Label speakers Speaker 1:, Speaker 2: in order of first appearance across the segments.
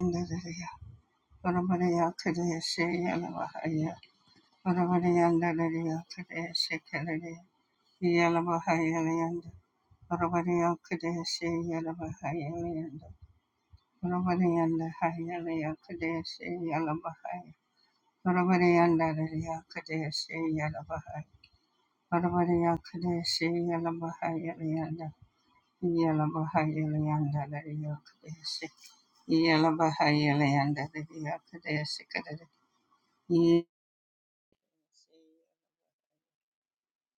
Speaker 1: Andalaya, Paramanaya Kadesha Yalavahaya, Paramanaya Andalaya Kadesha Kalaya, Yalavahaya Layanda, Paramanaya Kadesha Yalavahaya Layanda, Paramanaya Andahaya Laya Kadesha Yalavahaya, Paramanaya Andalaya Kadesha Yalavahaya, Paramanaya Kadesha Yalavahaya Layanda, Yalavahaya Layanda Laya Kadesha, Yalavahaya Layanda Laya Kadesha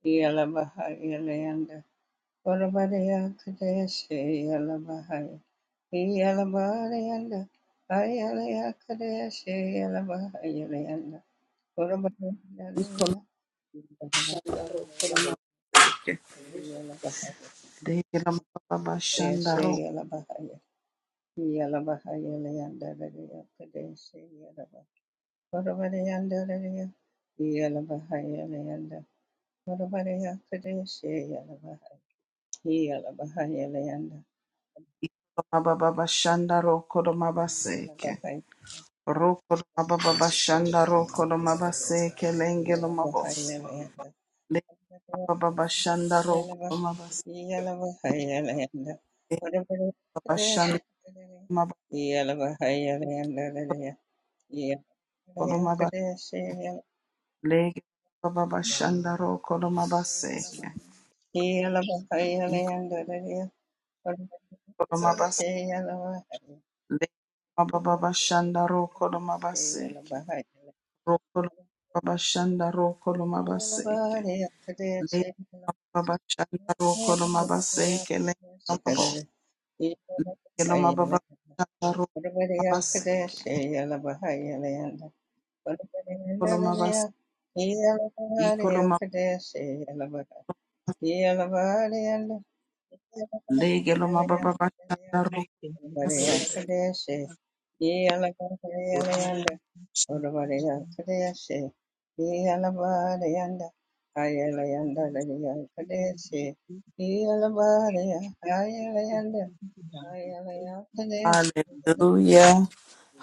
Speaker 1: Yalabahayalayanda Varabadaya Kadeshe Yalabahaya Yalabahayalayanda Ayalaya Kadeshe Yalabahayalayanda Varabadaya Yalabahaya
Speaker 2: Degela mababa
Speaker 1: Kadeshe
Speaker 2: shandaro,
Speaker 1: Yalabahaya Yalabahayalayanda Kadeshe Yalabahaya Varabadayanda Yalabahayalayanda Varabadaya Kadeshe Yalabahaya Yalabahayalayanda
Speaker 2: mababa bashandaro, koloma baseke. Roko mababa bashandaro, koloma baseke, lengelo mabose. Mababa bashandaro, koloma baseke, bashandaro, mababa
Speaker 1: Yeah.
Speaker 2: koloma baseke. Lege mababa bashandaro, koloma baseke. Iko koloma baseke. Lege mababa bashandaro, koloma baseke. Roko mababa bashandaro, koloma baseke. le baba shanda ro kolo maba seke le mabo
Speaker 1: Yeah.
Speaker 2: le lo maba shanda ro maba seke kolo maba i kolo maba le lo maba baba shanda ro
Speaker 3: Yes, Thank
Speaker 2: maba seke.
Speaker 1: I am
Speaker 2: Hallelujah.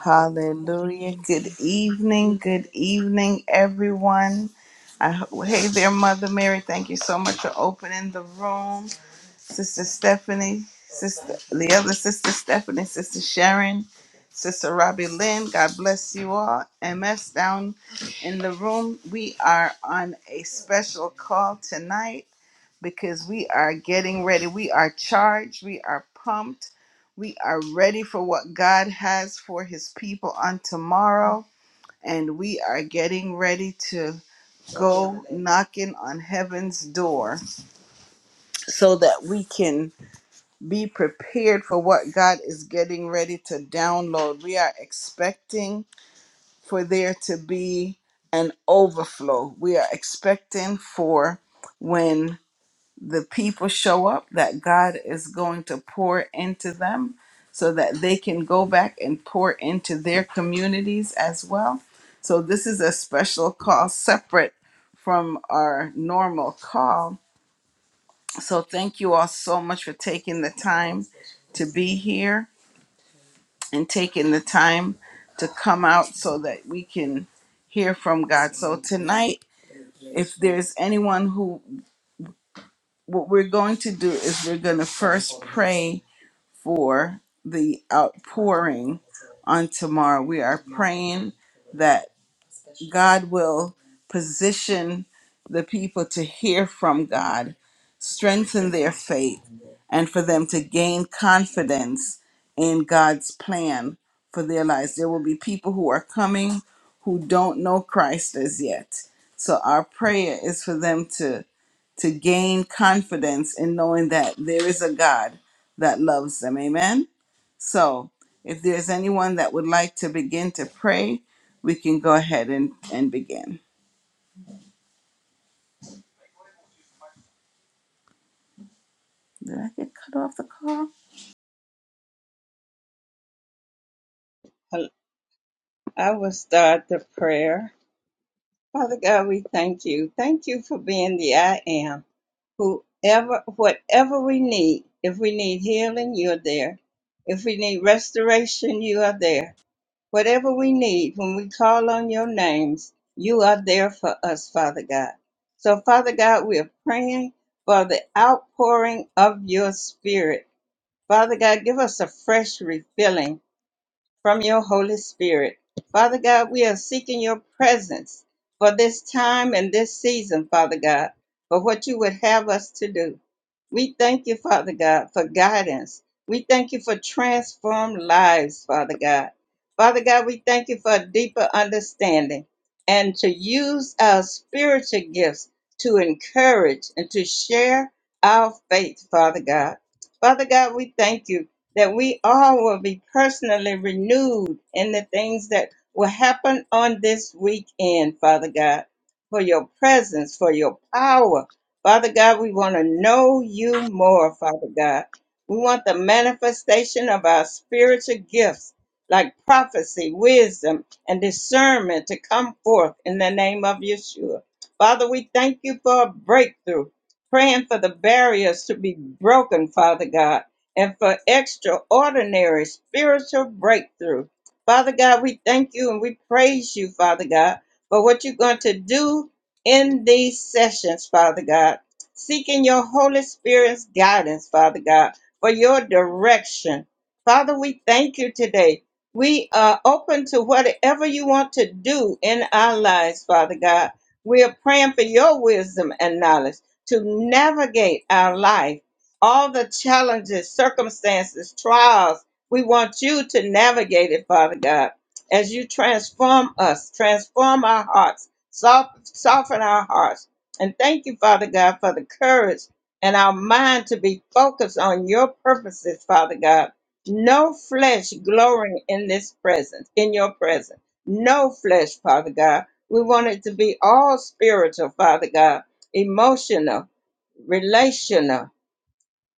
Speaker 2: Hallelujah. Good evening. Good evening, everyone. I, hey there, Mother Mary. Thank you so much for opening the room. Sister Stephanie, Sister the other Sister Stephanie, Sister Sharon, Sister Robbie Lynn. God bless you all. MS down in the room. We are on a special call tonight because we are getting ready. We are charged. We are pumped. We are ready for what God has for his people on tomorrow. And we are getting ready to go knocking on heaven's door so that we can be prepared for what God is getting ready to download. We are expecting for there to be an overflow. We are expecting for when the people show up that God is going to pour into them so that they can go back and pour into their communities as well. So, this is a special call separate from our normal call so thank you all so much for taking the time to be here and taking the time to come out so that we can hear from God. So tonight, if there's anyone who, what we're going to do is we're going to first pray for the outpouring on tomorrow. We are praying God will position the people to hear from God, strengthen their faith, and for them to gain confidence in God's plan for their lives. There will be people who are coming who don't know Christ as yet. So our prayer is for them to to gain confidence in knowing that there is a God that loves them. Amen. So, if there's anyone that would like to begin to pray, we can go ahead and, and begin. Did I get cut off the call?
Speaker 1: Hel- I will start the prayer. Father God, we thank you. Thank you for being the I am. Whoever, whatever we need, if we need healing, you're there. If we need restoration, you are there. Whatever we need, when we call on your names, you are there for us, Father God. So, Father God, we are praying for the outpouring of your spirit. Father God, give us a fresh refilling from your Holy Spirit. Father God, we are seeking your presence for this time and this season, Father God, for what you would have us to do. We thank you, Father God, for guidance. We thank you for transformed lives, Father God. Father God, we thank you for a deeper understanding and to use our spiritual gifts to encourage and to share our faith, Father God. Father God, we thank you that we all will be personally renewed in the things that will happen on this weekend, Father God, for your presence, for your power. Father God, we want to know you more, Father God. We want the manifestation of our spiritual gifts like prophecy, wisdom, and discernment to come forth in the name of Yeshua. Father, we thank you for a breakthrough, praying for the barriers to be broken, Father God and for extraordinary spiritual breakthrough. Father God, we thank you and we praise you, Father God, for what you're going to do in these sessions, Father God. Seeking your Holy Spirit's guidance, Father God, for your direction. Father, we thank you today. We are open to whatever you want to do in our lives, Father God. We are praying for your wisdom and knowledge to navigate our life all the challenges, circumstances, trials. We want you to navigate it, Father God, as you transform us, transform our hearts, soft, soften our hearts. And thank you, Father God, for the courage and our mind to be focused on your purposes, Father God. No flesh glorying in this presence, in your presence. No flesh, Father God. We want it to be all spiritual, Father God, emotional, relational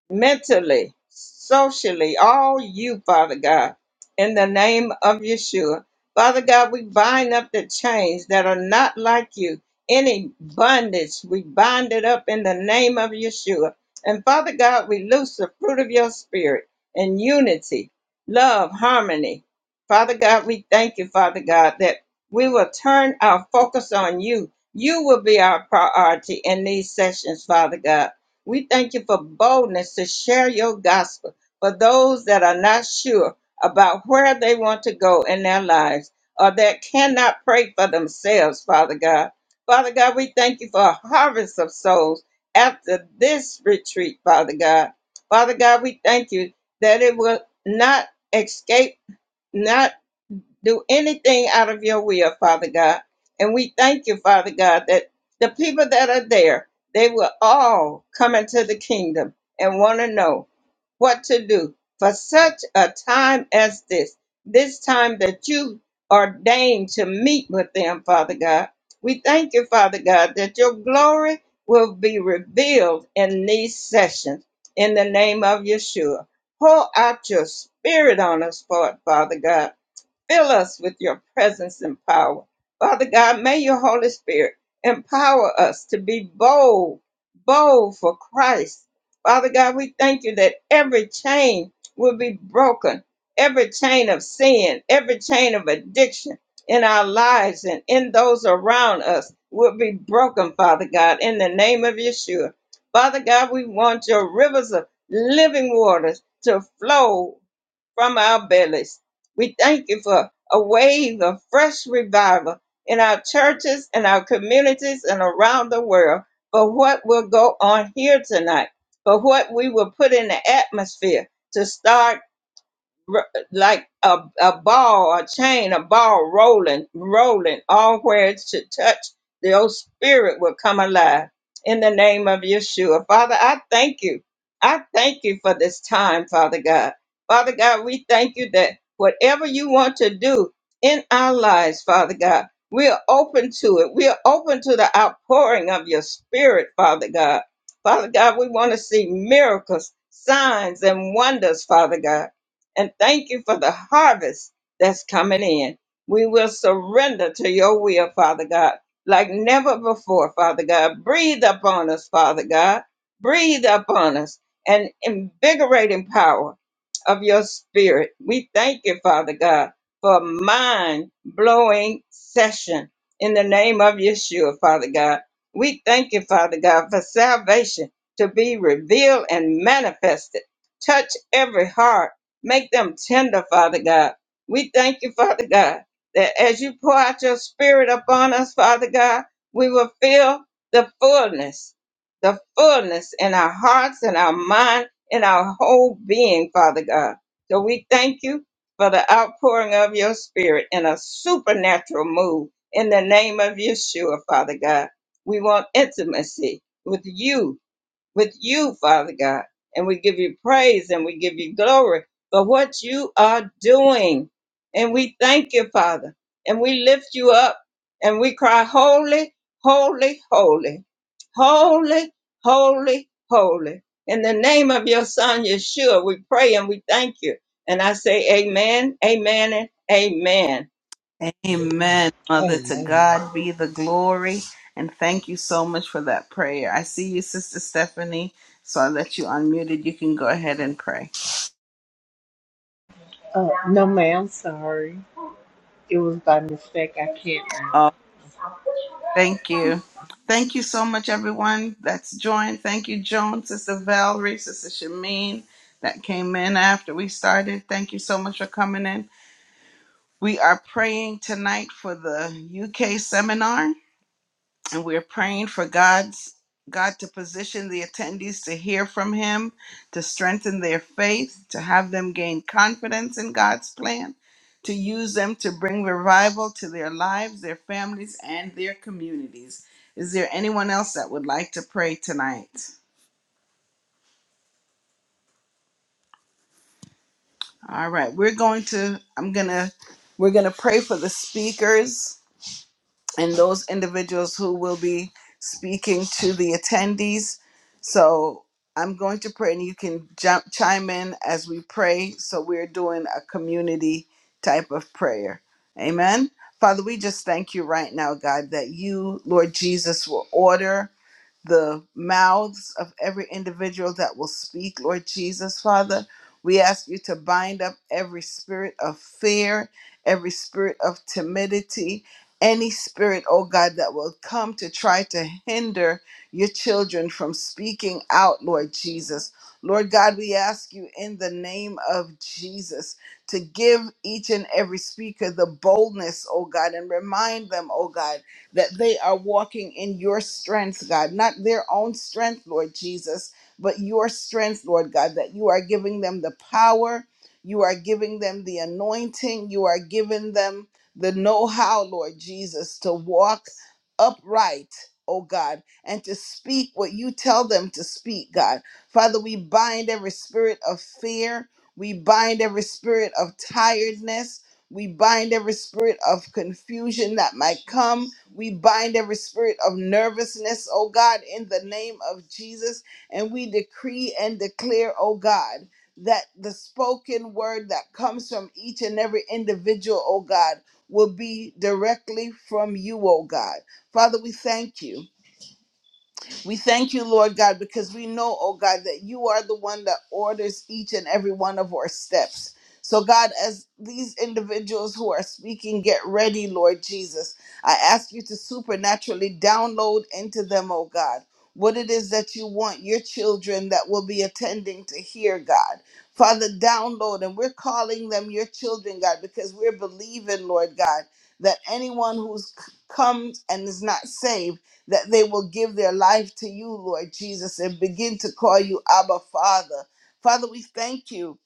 Speaker 1: mentally, socially, all you, Father God, in the name of Yeshua. Father God, we bind up the chains that are not like you. Any bondage, we bind it up in the name of Yeshua. And Father God, we loose the fruit of your spirit in unity, love, harmony. Father God, we thank you, Father God, that we will turn our focus on you. You will be our priority in these sessions, Father God. We thank you for boldness to share your gospel for those that are not sure about where they want to go in their lives or that cannot pray for themselves, Father God. Father God, we thank you for a harvest of souls after this retreat, Father God. Father God, we thank you that it will not escape, not do anything out of your will, Father God. And we thank you, Father God, that the people that are there, they will all come into the kingdom and want to know what to do for such a time as this, this time that you ordained to meet with them, Father God. We thank you, Father God, that your glory will be revealed in these sessions in the name of Yeshua. Pour out your spirit on us, for it, Father God Fill us with your presence and power. Father God, may your Holy Spirit empower us to be bold, bold for Christ. Father God, we thank you that every chain will be broken, every chain of sin, every chain of addiction in our lives and in those around us will be broken, Father God, in the name of Yeshua. Father God, we want your rivers of living waters to flow from our bellies. We thank you for a wave of fresh revival in our churches and our communities and around the world for what will go on here tonight, for what we will put in the atmosphere to start r- like a, a ball, a chain, a ball rolling, rolling, all where it should touch, the old spirit will come alive in the name of Yeshua. Father, I thank you. I thank you for this time, Father God. Father God, we thank you that whatever you want to do in our lives, Father God, we are open to it. We are open to the outpouring of your spirit, Father God. Father God, we want to see miracles, signs, and wonders, Father God and thank you for the harvest that's coming in. We will surrender to your will, Father God, like never before, Father God. Breathe upon us, Father God. Breathe upon us and invigorating power of your spirit. We thank you, Father God, for a mind blowing session in the name of Yeshua, Father God. We thank you, Father God, for salvation to be revealed and manifested. Touch every heart Make them tender, Father God. We thank you, Father God, that as you pour out your spirit upon us, Father God, we will feel the fullness, the fullness in our hearts, in our mind, in our whole being, Father God. So we thank you for the outpouring of your spirit in a supernatural move in the name of Yeshua, Father God. We want intimacy with you with you, Father God. And we give you praise and we give you glory for what you are doing. And we thank you, Father. And we lift you up and we cry, Holy, holy, holy, holy, holy, holy. In the name of your Son, Yeshua, we pray and we thank you. And I say, Amen, amen, and amen.
Speaker 2: Amen, Mother. To
Speaker 4: Amen.
Speaker 2: God be the glory. And thank you so much for that prayer. I see you, Sister Stephanie. So I let you unmuted. You can go ahead and pray.
Speaker 4: Uh, no, ma'am. Sorry, it was by mistake. I can't. now.
Speaker 2: Thank you. Thank you so much, everyone that's joined. Thank you, Joan, Sister Valerie, Sister Shamin, that came in after we started. Thank you so much for coming in. We are praying tonight for the UK seminar and we're praying for God's God to position the attendees to hear from him, to strengthen their faith, to have them gain confidence in God's plan, to use them to bring revival to their lives, their families, and their communities. Is there anyone else that would like to pray tonight? All right, we're going to I'm going to we're going to pray for the speakers and those individuals who will be speaking to the attendees. So I'm going to pray, and you can jump, chime in as we pray. So we're doing a community type of prayer. Amen. Father, we just thank you right now, God, that you, Lord Jesus, will order the mouths of every individual that will speak, Lord Jesus, Father. We ask you to bind up every spirit of fear, every spirit of timidity, any spirit, oh God, that will come to try to hinder your children from speaking out, Lord Jesus. Lord God, we ask you in the name of Jesus to give each and every speaker the boldness, oh God, and remind them, oh God that they are walking in your strength, God, not their own strength, Lord Jesus, but your strength, Lord God, that you are giving them the power, you are giving them the anointing, you are giving them the know how, Lord Jesus, to walk upright, oh God, and to speak what you tell them to speak, God. Father, we bind every spirit of fear. We bind every spirit of tiredness. We bind every spirit of confusion that might come. We bind every spirit of nervousness, oh God, in the name of Jesus. And we decree and declare, oh God, that the spoken word that comes from each and every individual, oh God, will be directly from you, oh God. Father, we thank you. We thank you, Lord God, because we know, oh God, that you are the one that orders each and every one of our steps. So, God, as these individuals who are speaking get ready, Lord Jesus, I ask you to supernaturally download into them, oh God, what it is that you want your children that will be attending to hear, God. Father, download, and we're calling them your children, God, because we're believing, Lord God, that anyone who's c- comes and is not saved, that they will give their life to you, Lord Jesus, and begin to call you Abba Father. Father, we thank you,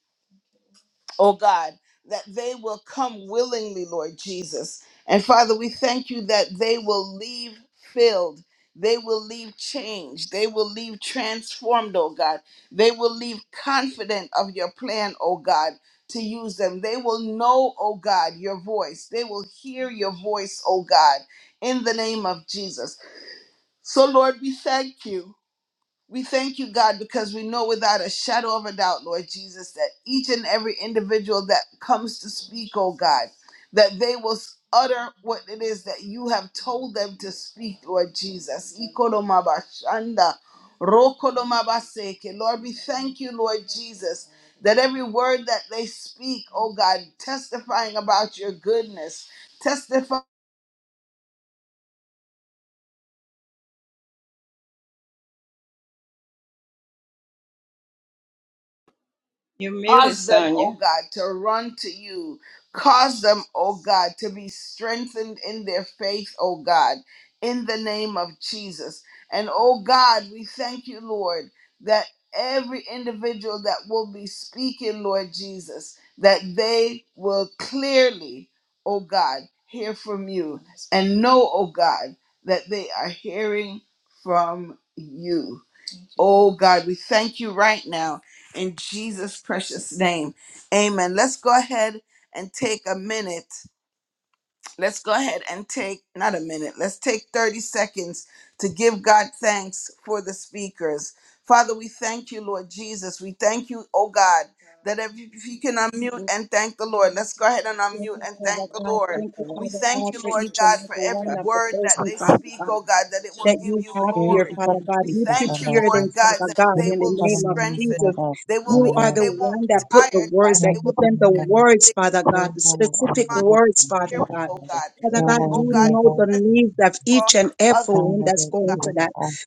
Speaker 2: oh God, that they will come willingly, Lord Jesus. And Father, we thank you that they will leave filled. They will leave changed. They will leave transformed, oh God. They will leave confident of your plan, oh God, to use them. They will know, oh God, your voice. They will hear your voice, oh God, in the name of Jesus. So, Lord, we thank you. We thank you, God, because we know without a shadow of a doubt, Lord Jesus, that each and every individual that comes to speak, oh God, that they will utter what it is that you have told them to speak, Lord Jesus. Ikolomabashanda, rokolomabaseke. Lord, we thank you, Lord Jesus, that every word that they speak, oh God, testifying about your goodness,
Speaker 1: You're muted,
Speaker 2: Cause them, oh
Speaker 1: Sonia.
Speaker 2: God, to run to you. Cause them, oh God, to be strengthened in their faith, oh God, in the name of Jesus. And oh God, we thank you, Lord, that every individual that will be speaking, Lord Jesus, that they will clearly, oh God, hear from you and know, oh God, that they are hearing from you. Oh God, we thank you right now in Jesus' precious name. Amen. Let's go ahead and take a minute let's go ahead and take not a minute let's take 30 seconds to give god thanks for the speakers father we thank you lord jesus we thank you oh god that if you if you can unmute and thank the lord let's go ahead and unmute
Speaker 3: you,
Speaker 2: and
Speaker 3: Father
Speaker 2: thank the
Speaker 3: God.
Speaker 2: lord
Speaker 3: Thank you,
Speaker 2: we
Speaker 3: Father
Speaker 2: thank
Speaker 3: God,
Speaker 2: you
Speaker 3: for
Speaker 2: lord
Speaker 3: each and
Speaker 2: god
Speaker 3: every
Speaker 2: for every
Speaker 3: one of the
Speaker 2: word that
Speaker 3: persons,
Speaker 2: they
Speaker 3: Father
Speaker 2: speak
Speaker 3: God,
Speaker 2: oh god that it will
Speaker 3: that
Speaker 2: give
Speaker 3: you
Speaker 2: you
Speaker 3: have
Speaker 5: Thank
Speaker 3: here,
Speaker 2: glory
Speaker 5: you for
Speaker 3: Father
Speaker 5: the
Speaker 3: God.
Speaker 2: we
Speaker 5: speech
Speaker 3: You
Speaker 5: of the
Speaker 2: thank you
Speaker 5: Lord.
Speaker 3: prepared
Speaker 2: lord
Speaker 3: them,
Speaker 5: God.
Speaker 2: god
Speaker 3: Father
Speaker 2: that
Speaker 3: God,
Speaker 5: Thank
Speaker 2: they
Speaker 3: in
Speaker 5: you
Speaker 2: will
Speaker 3: the
Speaker 2: be
Speaker 5: for the
Speaker 3: name of
Speaker 5: name of the
Speaker 2: strengthened
Speaker 3: Jesus.
Speaker 5: Lord.
Speaker 2: they
Speaker 5: In
Speaker 2: will
Speaker 5: the
Speaker 2: be
Speaker 3: You are
Speaker 5: name
Speaker 3: the
Speaker 2: they won't
Speaker 3: one
Speaker 2: be
Speaker 3: that put the
Speaker 2: tired god
Speaker 3: words, that
Speaker 2: they will
Speaker 3: give
Speaker 5: of
Speaker 3: them
Speaker 5: the
Speaker 3: the
Speaker 2: be
Speaker 5: Lord,
Speaker 3: words,
Speaker 2: energetic
Speaker 3: Father God,
Speaker 5: your
Speaker 3: the
Speaker 5: word on
Speaker 3: specific
Speaker 5: the
Speaker 3: words, Father
Speaker 5: lifting,
Speaker 2: careful,
Speaker 3: God.
Speaker 2: oh God.
Speaker 3: Father
Speaker 5: your
Speaker 3: God,
Speaker 5: word
Speaker 2: Oh
Speaker 3: you
Speaker 5: in
Speaker 2: God,
Speaker 5: the
Speaker 3: know
Speaker 5: heart,
Speaker 3: the
Speaker 2: press
Speaker 3: needs of
Speaker 2: for
Speaker 3: each and every
Speaker 2: others, oh
Speaker 5: find
Speaker 3: one
Speaker 5: that
Speaker 3: that's
Speaker 5: it is
Speaker 2: God.
Speaker 3: going to
Speaker 5: the
Speaker 3: that.
Speaker 5: altar,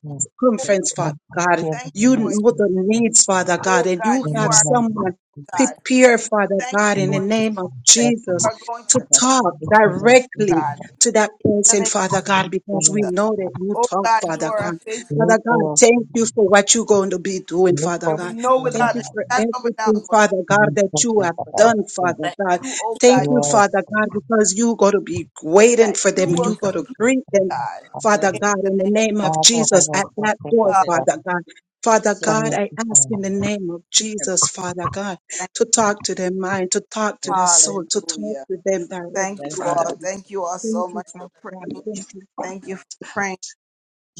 Speaker 2: Oh,
Speaker 3: circumference, Father
Speaker 5: and
Speaker 3: God.
Speaker 5: give
Speaker 2: thank
Speaker 5: it and
Speaker 3: You
Speaker 2: you, Lord.
Speaker 3: know
Speaker 5: receive
Speaker 3: the
Speaker 5: it.
Speaker 3: needs, Father God,
Speaker 2: Oh
Speaker 3: and you
Speaker 2: God, you
Speaker 5: In
Speaker 3: have
Speaker 5: the
Speaker 2: are
Speaker 5: name of
Speaker 3: someone
Speaker 5: Jesus,
Speaker 2: God.
Speaker 3: prepared, Father
Speaker 2: Thank
Speaker 3: God,
Speaker 5: we
Speaker 3: in
Speaker 2: you,
Speaker 3: the
Speaker 5: make
Speaker 2: Lord,
Speaker 5: it
Speaker 3: name of
Speaker 2: that you
Speaker 5: better.
Speaker 3: Jesus
Speaker 2: are going to
Speaker 3: to talk
Speaker 5: Look for the sin
Speaker 3: directly
Speaker 5: of
Speaker 2: God.
Speaker 5: the
Speaker 2: In
Speaker 3: to that
Speaker 2: the
Speaker 3: person,
Speaker 2: name of
Speaker 3: Father God, because we
Speaker 5: Lord.
Speaker 2: Jesus.
Speaker 3: know that you
Speaker 2: Oh
Speaker 3: talk,
Speaker 2: God, you
Speaker 3: Father
Speaker 2: are a
Speaker 3: God.
Speaker 2: faithful,
Speaker 5: Look
Speaker 3: Father God,
Speaker 5: for the sin of
Speaker 3: thank
Speaker 5: the Lord.
Speaker 3: you for what you're going to be doing,
Speaker 1: But
Speaker 5: Look
Speaker 3: Father
Speaker 5: for
Speaker 2: and
Speaker 5: the
Speaker 2: we
Speaker 3: God.
Speaker 5: sin of
Speaker 2: know
Speaker 3: Thank
Speaker 5: the
Speaker 2: without
Speaker 3: you
Speaker 2: a
Speaker 5: Lord.
Speaker 3: for
Speaker 2: shadow of a doubt,
Speaker 3: everything,
Speaker 2: Lord,
Speaker 3: Father
Speaker 5: And
Speaker 3: God,
Speaker 5: we
Speaker 3: that
Speaker 5: put
Speaker 3: you
Speaker 5: that
Speaker 3: have
Speaker 5: the
Speaker 3: done,
Speaker 5: Lord.
Speaker 3: Father
Speaker 2: that
Speaker 3: God.
Speaker 2: you, oh God,
Speaker 3: Thank
Speaker 5: You
Speaker 3: you,
Speaker 2: you
Speaker 3: Father God, because you are going to be waiting
Speaker 2: that
Speaker 3: for
Speaker 2: you
Speaker 3: them.
Speaker 2: will
Speaker 3: you
Speaker 5: are
Speaker 3: are going to
Speaker 2: complete
Speaker 3: greet them
Speaker 2: God.
Speaker 5: a
Speaker 1: that
Speaker 3: Father
Speaker 2: In
Speaker 3: God,
Speaker 2: the
Speaker 3: in the
Speaker 2: name
Speaker 3: name of
Speaker 5: father of
Speaker 3: Jesus, at
Speaker 5: all the
Speaker 3: that
Speaker 5: things
Speaker 3: door,
Speaker 5: of
Speaker 2: of
Speaker 5: the
Speaker 1: that
Speaker 5: Lord.
Speaker 3: Father God. Father
Speaker 1: themselves
Speaker 5: Thank
Speaker 3: God, I
Speaker 5: you,
Speaker 3: ask
Speaker 5: Father.
Speaker 3: in the name of
Speaker 1: have
Speaker 3: Jesus, Father God,
Speaker 2: God.
Speaker 3: to
Speaker 1: believed
Speaker 3: talk to their mind, to talk to their soul, to
Speaker 1: thankful
Speaker 3: talk
Speaker 2: Hallelujah.
Speaker 3: to them directly,
Speaker 2: Thank you
Speaker 3: Father
Speaker 2: all.
Speaker 3: God.
Speaker 2: Thank you all so
Speaker 3: Thank you,
Speaker 2: much for
Speaker 3: Father God.
Speaker 2: praying.
Speaker 3: Thank you.
Speaker 2: Thank you for praying.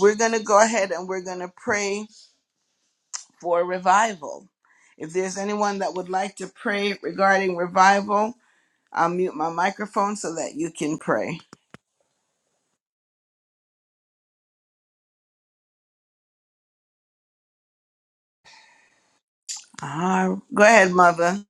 Speaker 2: We're gonna go ahead and we're gonna pray for revival. If there's anyone that would like to pray regarding revival, I'll mute my microphone so that you can pray. Ah, go ahead, Mother.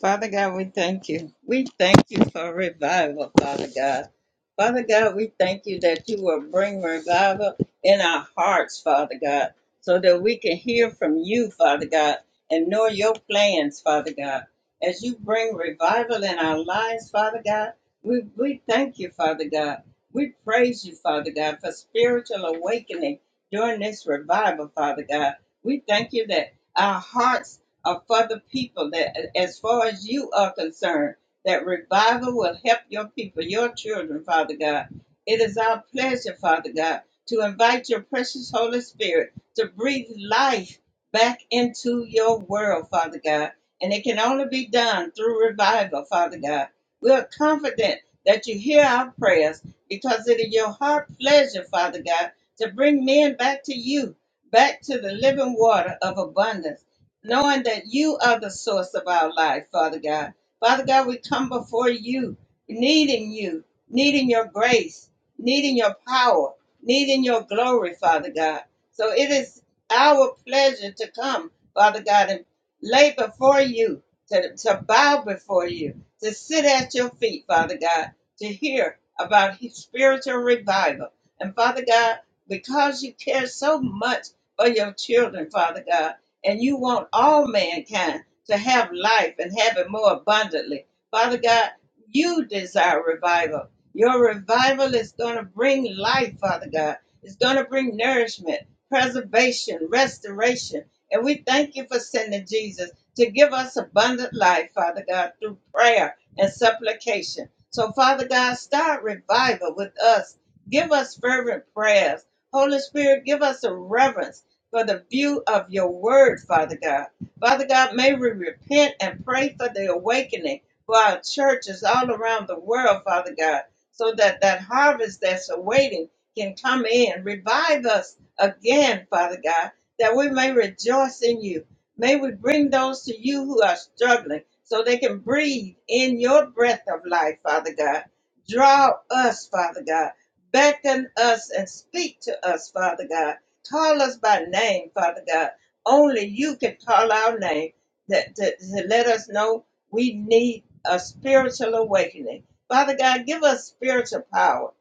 Speaker 1: Father God, we thank you. We thank you for revival, Father God. Father God, we thank you that you will bring revival in our hearts, Father God, so that we can hear from you, Father God, and know your plans, Father God. As you bring revival in our lives, Father God, we, we thank you, Father God. We praise you, Father God, for spiritual awakening during this revival, Father God. We thank you that our hearts are for the people that, as far as you are concerned, that revival will help your people, your children, Father God. It is our pleasure, Father God, to invite your precious Holy Spirit to breathe life back into your world, Father God. And it can only be done through revival, Father God. We are confident that you hear our prayers because it is your heart pleasure, Father God, to bring men back to you, back to the living water of abundance knowing that you are the source of our life, Father God. Father God, we come before you, needing you, needing your grace, needing your power, needing your glory, Father God. So it is our pleasure to come, Father God, and lay before you, to, to bow before you, to sit at your feet, Father God, to hear about spiritual revival. And Father God, because you care so much for your children, Father God, and you want all mankind to have life and have it more abundantly. Father God, you desire revival. Your revival is going to bring life, Father God. It's going to bring nourishment, preservation, restoration. And we thank you for sending Jesus to give us abundant life, Father God, through prayer and supplication. So, Father God, start revival with us. Give us fervent prayers. Holy Spirit, give us a reverence for the view of your word, Father God. Father God, may we repent and pray for the awakening for our churches all around the world, Father God, so that that harvest that's awaiting can come in. Revive us again, Father God, that we may rejoice in you. May we bring those to you who are struggling so they can breathe in your breath of life, Father God. Draw us, Father God. Beckon us and speak to us, Father God Call us by name, Father God. Only you can call our name that, that, to let us know we need a spiritual awakening. Father God, give us spiritual power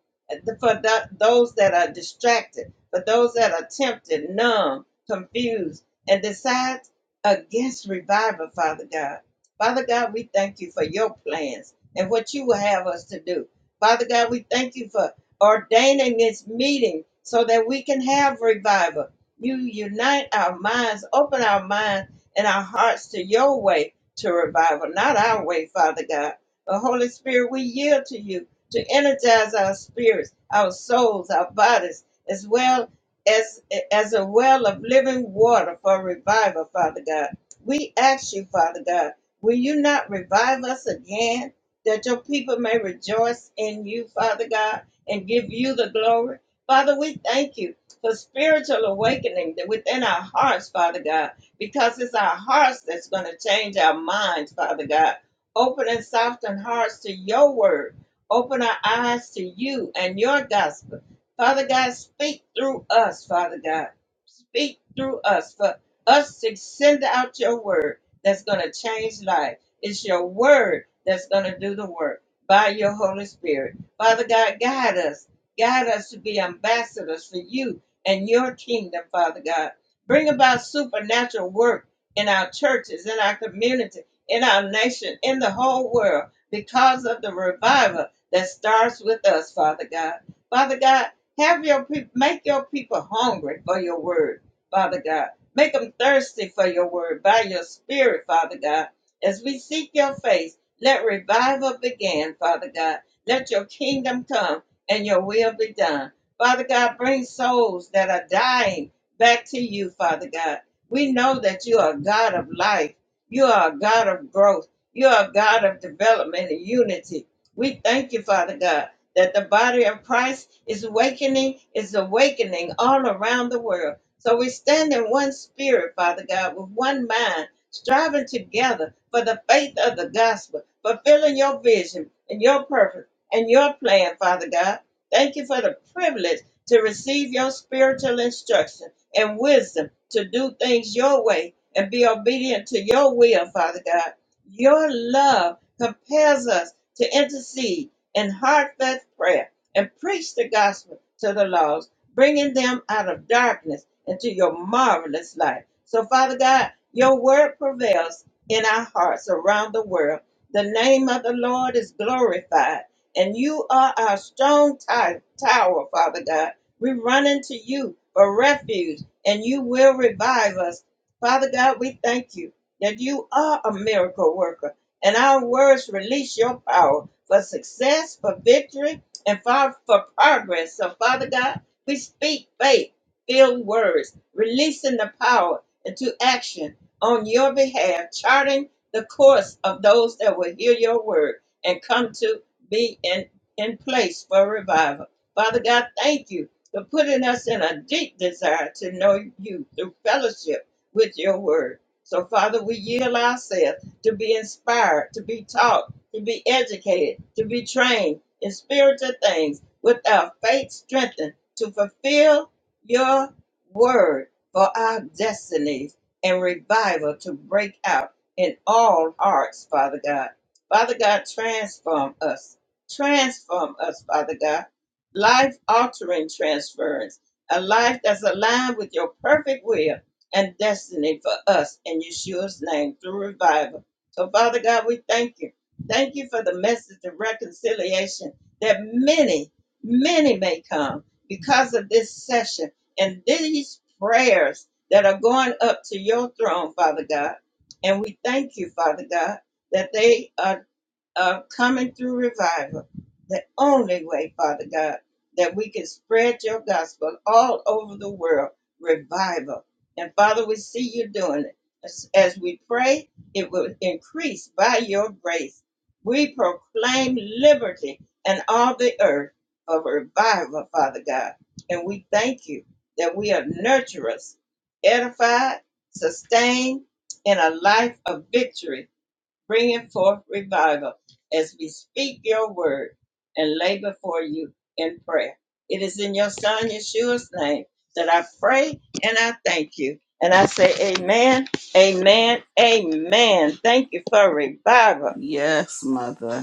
Speaker 1: for th- those that are distracted, for those that are tempted, numb, confused, and decide against revival, Father God. Father God, we thank you for your plans and what you will have us to do. Father God, we thank you for ordaining this meeting so that we can have revival. You unite our minds, open our minds and our hearts to your way to revival, not our way, Father God. But Holy Spirit, we yield to you to energize our spirits, our souls, our bodies, as well as as a well of living water for revival, Father God. We ask you, Father God, will you not revive us again that your people may rejoice in you, Father God? and give you the glory. Father, we thank you for spiritual awakening that within our hearts, Father God, because it's our hearts that's going to change our minds, Father God. Open and soften hearts to your word. Open our eyes to you and your gospel. Father God, speak through us, Father God. Speak through us for us to send out your word that's going to change life. It's your word that's going to do the work by your Holy Spirit. Father God, guide us. Guide us to be ambassadors for you and your kingdom, Father God. Bring about supernatural work in our churches, in our community, in our nation, in the whole world because of the revival that starts with us, Father God. Father God, have your people make your people hungry for your word, Father God. Make them thirsty for your word by your spirit, Father God. As we seek your face, let revival begin, Father God let your kingdom come and your will be done. Father God, bring souls that are dying back to you, Father God. We know that you are a God of life. You are a God of growth. You are a God of development and unity. We thank you, Father God, that the body of Christ is awakening, is awakening all around the world. So we stand in one spirit, Father God, with one mind, striving together for the faith of the gospel, fulfilling your vision and your purpose and your plan, Father God. Thank you for the privilege to receive your spiritual instruction and wisdom to do things your way and be obedient to your will, Father God. Your love compels us to intercede in heartfelt prayer and preach the gospel to the lost, bringing them out of darkness into your marvelous light. So, Father God, your word prevails in our hearts around the world. The name of the Lord is glorified and you are our strong ti- tower, Father God. We run into you for refuge, and you will revive us. Father God, we thank you that you are a miracle worker, and our words release your power for success, for victory, and for, for progress. So, Father God, we speak faith filled words, releasing the power into action on your behalf, charting the course of those that will hear your word and come to be in, in place for revival. Father God, thank you for putting us in a deep desire to know you through fellowship with your word. So, Father, we yield ourselves to be inspired, to be taught, to be educated, to be trained in spiritual things with our faith strengthened to fulfill your word for our destinies and revival to break out in all hearts, Father God. Father God, transform us Transform us, Father God. Life altering transference. A life that's aligned with your perfect will and destiny for us in Yeshua's name through revival. So, Father God, we thank you. Thank you for the message of reconciliation that many, many may come because of this session and these prayers that are going up to your throne, Father God. And we thank you, Father God, that they are of coming through revival, the only way, Father God, that we can spread your gospel all over the world, revival. And Father, we see you doing it. As, as we pray, it will increase by your grace. We proclaim liberty and all the earth of revival, Father God. And we thank you that we are nurturers, edified, sustained in a life of victory bringing forth revival as we speak your word and lay before you in prayer. It is in your son Yeshua's name that I pray and I thank you. And I say, Amen, Amen, Amen. Thank you for revival.
Speaker 2: Yes, Mother.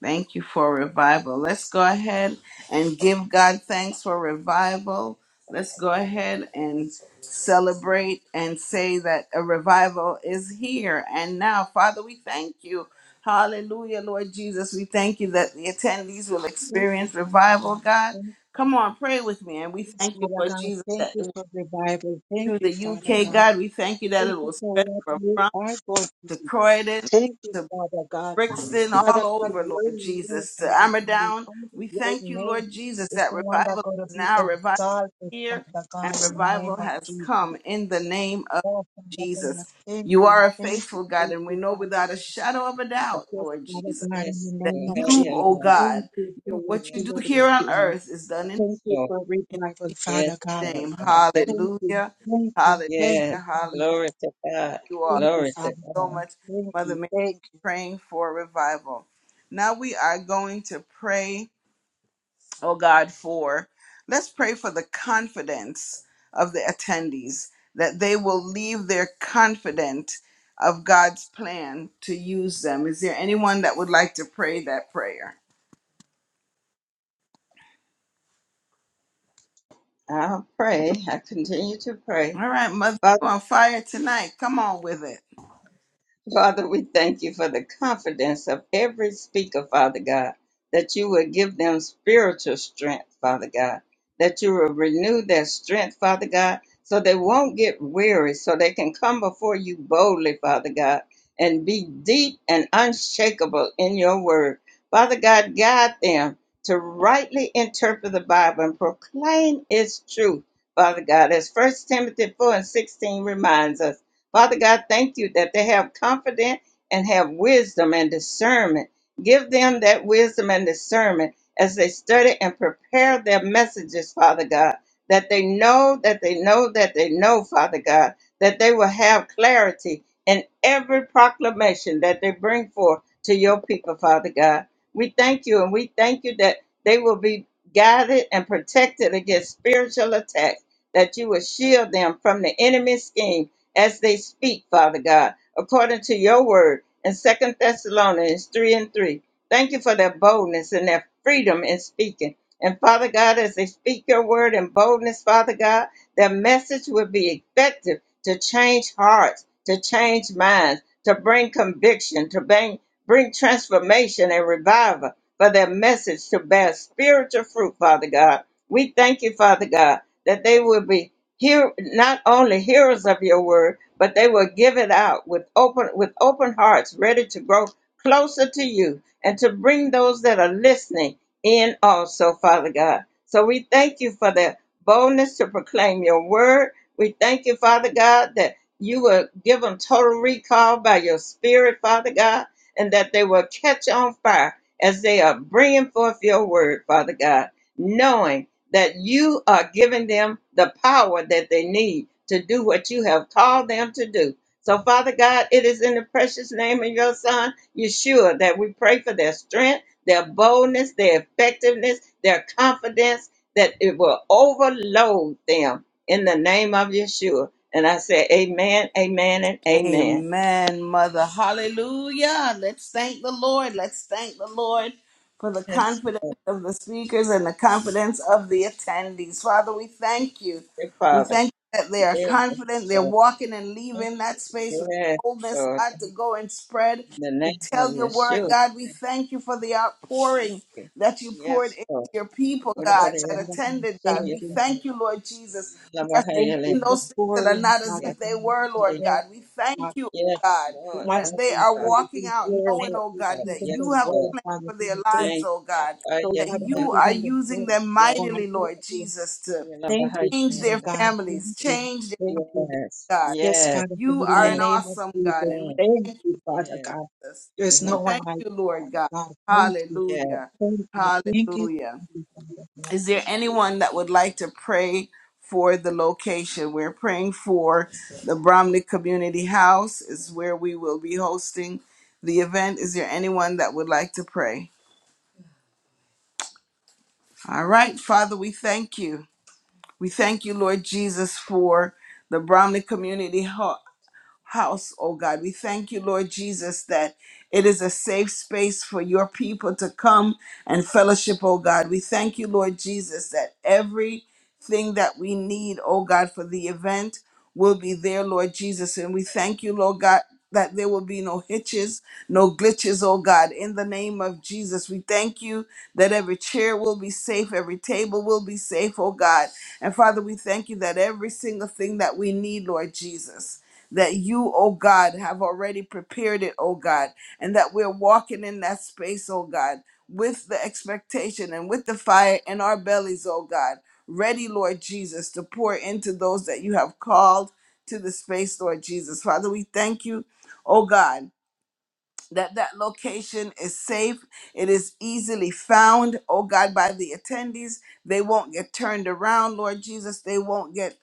Speaker 2: Thank you for revival. Let's go ahead and give God thanks for revival. Let's go ahead and celebrate and say that a revival is here and now. Father, we thank you. Hallelujah, Lord Jesus. We thank you that the attendees will
Speaker 3: Thank you,
Speaker 2: experience
Speaker 3: Father
Speaker 2: revival,
Speaker 3: God.
Speaker 2: God.
Speaker 3: Thank
Speaker 2: Come on, pray with me. And we
Speaker 3: you,
Speaker 2: thank you,
Speaker 3: Father
Speaker 2: Lord
Speaker 3: God.
Speaker 2: Jesus,
Speaker 3: Thank
Speaker 2: that it
Speaker 3: you
Speaker 2: will
Speaker 3: for revival.
Speaker 2: through
Speaker 3: Thank you,
Speaker 2: the
Speaker 3: Father
Speaker 2: UK,
Speaker 3: God.
Speaker 2: God. We thank you that it
Speaker 3: Thank
Speaker 2: will
Speaker 3: you for
Speaker 2: spread
Speaker 3: what
Speaker 2: from
Speaker 3: you
Speaker 2: France
Speaker 3: are going to do.
Speaker 2: to Croydon
Speaker 3: Thank you, Father God.
Speaker 2: Brixton, all
Speaker 3: Father God,
Speaker 2: over,
Speaker 3: your
Speaker 2: Lord
Speaker 3: name,
Speaker 2: Jesus, to
Speaker 3: Father God, is
Speaker 2: Amadown.
Speaker 3: only
Speaker 2: We
Speaker 3: your
Speaker 2: thank you,
Speaker 3: name
Speaker 2: Lord Jesus,
Speaker 3: is
Speaker 2: that
Speaker 3: the one that
Speaker 2: revival
Speaker 3: going to
Speaker 2: is
Speaker 3: be
Speaker 2: now, revival is
Speaker 3: exalted,
Speaker 2: here,
Speaker 3: Father
Speaker 2: and
Speaker 3: God, in the name
Speaker 2: revival
Speaker 3: of
Speaker 2: has
Speaker 3: Jesus.
Speaker 2: come in the name of
Speaker 3: Oh, Father God,
Speaker 2: Jesus.
Speaker 3: thank
Speaker 2: You
Speaker 3: you,
Speaker 2: are a
Speaker 3: thank you,
Speaker 2: faithful God,
Speaker 3: thank
Speaker 2: and we
Speaker 3: you,
Speaker 2: know
Speaker 3: Father God.
Speaker 2: without a shadow of a doubt,
Speaker 3: Yes,
Speaker 2: Lord
Speaker 3: Father
Speaker 2: Jesus,
Speaker 3: God, in
Speaker 1: Yes,
Speaker 3: the
Speaker 2: that
Speaker 3: name
Speaker 1: Lord.
Speaker 3: of
Speaker 1: Oh,
Speaker 2: you,
Speaker 1: yeah,
Speaker 3: Jesus.
Speaker 2: oh
Speaker 1: Lord.
Speaker 2: God,
Speaker 3: Thank you
Speaker 2: you
Speaker 3: for what
Speaker 2: what
Speaker 1: Yeah,
Speaker 3: you
Speaker 2: you do
Speaker 3: got
Speaker 1: for
Speaker 3: to
Speaker 1: this,
Speaker 2: here
Speaker 3: be
Speaker 2: on
Speaker 3: doing.
Speaker 2: earth is done in,
Speaker 3: Thank you
Speaker 1: Lord.
Speaker 3: for
Speaker 2: in
Speaker 3: revival, Father
Speaker 1: Yes,
Speaker 3: God.
Speaker 2: Jesus'
Speaker 1: Lord
Speaker 2: name.
Speaker 1: God. Thank
Speaker 3: Thank
Speaker 1: you.
Speaker 3: you,
Speaker 2: Hallelujah.
Speaker 3: thank you,
Speaker 2: Hallelujah.
Speaker 3: thank
Speaker 1: Yes.
Speaker 3: you,
Speaker 2: Hallelujah.
Speaker 3: Father God.
Speaker 1: Glory to God.
Speaker 2: You are
Speaker 3: Thank you,
Speaker 1: Glory to
Speaker 3: Father
Speaker 2: so
Speaker 1: God.
Speaker 3: God.
Speaker 2: much.
Speaker 3: Thank
Speaker 2: Mother
Speaker 3: you, thank you.
Speaker 2: praying for revival. Now we are going to pray, oh God, for let's pray for the confidence of the attendees that they will leave there confident of God's plan to use them. Is there anyone that would like to pray that prayer?
Speaker 1: I'll pray. I continue to pray.
Speaker 2: All right, mother, you on fire tonight. Come on with it.
Speaker 1: Father, we thank you for the confidence of every speaker, Father God, that you will give them spiritual strength, Father God, that you will renew their strength, Father God, so they won't get weary, so they can come before you boldly, Father God, and be deep and unshakable in your word. Father God, guide them to rightly interpret the Bible and proclaim its truth, Father God, as First Timothy 4 and 16 reminds us. Father God, thank you that they have confidence and have wisdom and discernment. Give them that wisdom and discernment as they study and prepare their messages, Father God, that they know, that they know, that they know, Father God, that they will have clarity in every proclamation that they bring forth to your people, Father God. We thank you and we thank you that they will be guided and protected against spiritual attacks, that you will shield them from the enemy's schemes as they speak, Father God, according to your word in Second Thessalonians 3 and 3. Thank you for their boldness and their freedom in speaking. And Father God, as they speak your word in boldness, Father God, their message will be effective to change hearts, to change minds, to bring conviction, to bring, bring transformation and revival for their message to bear spiritual fruit, Father God. We thank you, Father God, that they will be hear not only hearers of your word, but they will give it out with open with open hearts, ready to grow closer to you and to bring those that are listening in also, Father God. So we thank you for the boldness to proclaim your word. We thank you, Father God, that you will give them total recall by your spirit, Father God, and that they will catch on fire as they are bringing forth your word, Father God, knowing that you are giving them the power that they need to do what you have called them to do. So, Father God, it is in the precious name of your Son, Yeshua, that we pray for their strength, their boldness, their effectiveness, their confidence, that it will overload them in the name of Yeshua. And I say, Amen, Amen, and Amen.
Speaker 2: Amen, Mother. Hallelujah. Let's thank the Lord. Let's thank the Lord for the
Speaker 1: Yes,
Speaker 2: confidence of the speakers and the confidence of the attendees. Father, we thank you.
Speaker 1: dear
Speaker 2: We
Speaker 1: Father.
Speaker 2: thank you that they are
Speaker 1: Yes,
Speaker 2: confident. They're
Speaker 1: Lord.
Speaker 2: walking and leaving that space with
Speaker 1: Yes,
Speaker 2: boldness,
Speaker 1: Lord.
Speaker 2: God, to
Speaker 1: In
Speaker 2: go and spread
Speaker 1: the
Speaker 2: and
Speaker 1: name of
Speaker 2: tell your word. God, we
Speaker 1: Yeshua.
Speaker 2: thank you for the outpouring
Speaker 1: Okay.
Speaker 2: that you poured
Speaker 1: Yes,
Speaker 2: into
Speaker 1: Lord.
Speaker 2: your people,
Speaker 1: What about
Speaker 2: God,
Speaker 3: Yes,
Speaker 2: that
Speaker 1: the
Speaker 3: Father God.
Speaker 2: attended, God.
Speaker 1: say
Speaker 2: We
Speaker 3: Thank you.
Speaker 1: about
Speaker 2: thank you, Lord Jesus.
Speaker 1: the
Speaker 3: Thank
Speaker 1: Bahayala?
Speaker 3: you
Speaker 2: We
Speaker 3: for
Speaker 2: are that are
Speaker 3: pouring,
Speaker 2: not as
Speaker 3: Father
Speaker 2: if they
Speaker 3: God,
Speaker 2: were,
Speaker 3: from
Speaker 2: Lord
Speaker 3: every
Speaker 2: God. We thank
Speaker 3: God.
Speaker 2: you, oh
Speaker 1: Yes,
Speaker 2: God,
Speaker 3: It
Speaker 1: Lord.
Speaker 3: wants
Speaker 2: that
Speaker 1: Oh,
Speaker 2: they
Speaker 3: to
Speaker 2: are
Speaker 1: God.
Speaker 3: Father,
Speaker 2: walking
Speaker 3: be
Speaker 2: out
Speaker 3: here
Speaker 2: knowing,
Speaker 1: Thank
Speaker 3: that
Speaker 2: oh
Speaker 1: you,
Speaker 3: we've
Speaker 2: God,
Speaker 1: God.
Speaker 2: that
Speaker 3: given
Speaker 2: you
Speaker 3: the
Speaker 1: Yes,
Speaker 2: have a
Speaker 3: word,
Speaker 1: Lord.
Speaker 2: plan
Speaker 3: Father
Speaker 2: for their
Speaker 3: God. Thank
Speaker 2: lives,
Speaker 3: you.
Speaker 1: Thank you,
Speaker 2: oh God,
Speaker 1: Lord. I
Speaker 3: So,
Speaker 1: am
Speaker 2: that
Speaker 3: Father, we've
Speaker 2: you
Speaker 1: Linda.
Speaker 2: are
Speaker 3: given the
Speaker 2: using
Speaker 3: word,
Speaker 2: them
Speaker 3: oh
Speaker 1: Yes,
Speaker 3: God.
Speaker 2: mightily,
Speaker 3: Thank
Speaker 2: Lord
Speaker 3: you.
Speaker 2: Jesus, to
Speaker 1: you love
Speaker 3: Thank you,
Speaker 2: change
Speaker 3: Father
Speaker 2: their
Speaker 1: Linda.
Speaker 3: God. Thank
Speaker 1: Thank
Speaker 2: families,
Speaker 1: you.
Speaker 3: you.
Speaker 2: change their
Speaker 3: Thank you.
Speaker 1: Yes,
Speaker 2: God.
Speaker 3: Yes,
Speaker 1: yes.
Speaker 3: Father God,
Speaker 2: You
Speaker 3: in
Speaker 2: are
Speaker 3: the
Speaker 2: an
Speaker 1: Thank
Speaker 3: name of
Speaker 2: awesome God,
Speaker 3: Jesus.
Speaker 2: and we
Speaker 1: you.
Speaker 3: Thank
Speaker 2: thank you.
Speaker 3: you, Father
Speaker 1: Yes,
Speaker 3: God.
Speaker 2: Jesus.
Speaker 3: There's
Speaker 2: We
Speaker 3: no
Speaker 1: yes,
Speaker 3: one
Speaker 2: thank
Speaker 3: like
Speaker 2: you,
Speaker 3: you,
Speaker 2: Lord
Speaker 3: Father
Speaker 2: God.
Speaker 3: God. Thank you.
Speaker 1: yes.
Speaker 2: Hallelujah.
Speaker 3: Thank you. Thank you.
Speaker 2: Hallelujah.
Speaker 3: Thank you, Father
Speaker 2: Is
Speaker 3: God.
Speaker 2: there anyone that would like to pray for the location? We're praying for the Bromley Community House is where we will be hosting the event. Is there anyone that would like to pray? All right, Father, we thank you. We thank you, Lord Jesus, for the Bromley Community Ho- house, oh God. We thank you, Lord Jesus, that it is a safe space for your people to come and fellowship, oh God. We thank you, Lord Jesus, that everything that we need, oh God, for the event will be there, Lord Jesus. And we thank you, Lord God. That there will be no hitches, no glitches, oh God. In the name of Jesus, we thank you that every chair will be safe, every table will be safe, oh God. And Father, we thank you that every single thing that we need, Lord Jesus that you, oh God, have already prepared it, oh God, and that we're walking in that space, oh God, with the expectation and with the fire in our bellies, oh God, ready, Lord Jesus, to pour into those that you have called to the space, Lord Jesus. Father, we thank you, oh God. That that location is safe. It is easily found, oh God, by the attendees. They won't get turned around, Lord Jesus. They won't get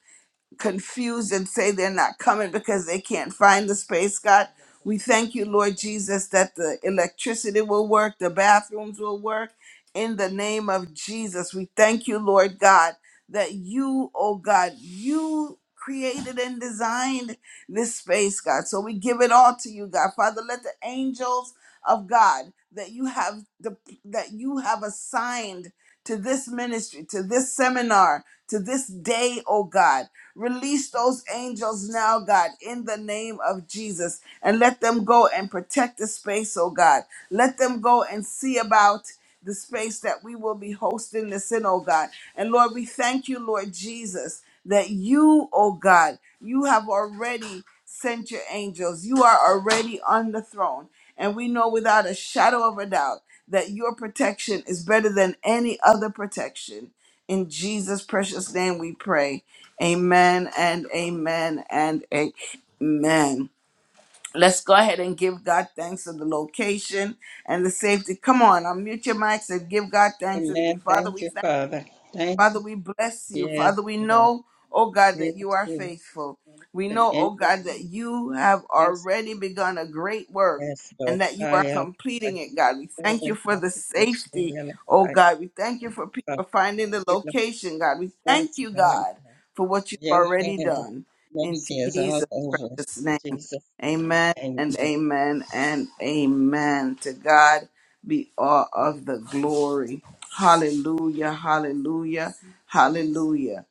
Speaker 2: confused and say they're not coming because they can't find the space, God. We thank you, Lord Jesus, that the electricity will work, the bathrooms will work. In the name of Jesus, we thank you, Lord God, that you, oh God, you created and designed this space, God. So we give it all to you, God. Father, let the angels of God that you have the that you have assigned to this ministry, to this seminar, to this day, oh God. Release those angels now, God, in the name of Jesus, and let them go and protect the space, oh God. Let them go and see about the space that we will be hosting this in, oh God. And Lord, we thank you, Lord Jesus, that you, oh God, you have already sent your angels. You are already on the throne. And we know without a shadow of a doubt that your protection is better than any other protection. In Jesus' precious name we pray. Amen and amen and amen. Let's go ahead and give God thanks for the location and the safety. Come on, unmute your mics and give God thanks with me.
Speaker 1: Amen.
Speaker 2: Father,
Speaker 1: Thank
Speaker 2: we
Speaker 1: you,
Speaker 2: thank
Speaker 1: Father. Thank
Speaker 2: Father, we bless
Speaker 1: you.
Speaker 2: you.
Speaker 1: Yes,
Speaker 2: Father, we
Speaker 1: Lord.
Speaker 2: know, oh God, that
Speaker 1: Yes,
Speaker 2: you are
Speaker 1: Jesus.
Speaker 2: faithful.
Speaker 1: Yes,
Speaker 2: We
Speaker 1: and
Speaker 2: know, oh
Speaker 1: yes,
Speaker 2: God, that you have already
Speaker 1: yes.
Speaker 2: begun a great work
Speaker 1: Yes, Lord.
Speaker 2: and that you
Speaker 1: I
Speaker 2: are
Speaker 1: am a
Speaker 2: completing it, God. We
Speaker 1: little
Speaker 2: thank
Speaker 1: bit
Speaker 2: you for
Speaker 1: about
Speaker 2: the
Speaker 1: to go to the
Speaker 2: safety,
Speaker 1: yellow
Speaker 2: oh God. We thank you for
Speaker 1: Father,
Speaker 2: people finding
Speaker 1: thank
Speaker 2: the
Speaker 1: you, Lord.
Speaker 2: location, God. We thank
Speaker 1: Yes,
Speaker 2: you,
Speaker 1: Lord.
Speaker 2: God, for what you've
Speaker 1: Your
Speaker 2: already
Speaker 1: hand of
Speaker 2: done. In
Speaker 1: mercy is all
Speaker 2: Jesus'
Speaker 1: over
Speaker 2: precious name.
Speaker 1: Jesus' name.
Speaker 2: Amen and
Speaker 1: Amen.
Speaker 2: amen and amen. To God be all of the glory. Hallelujah, hallelujah, hallelujah.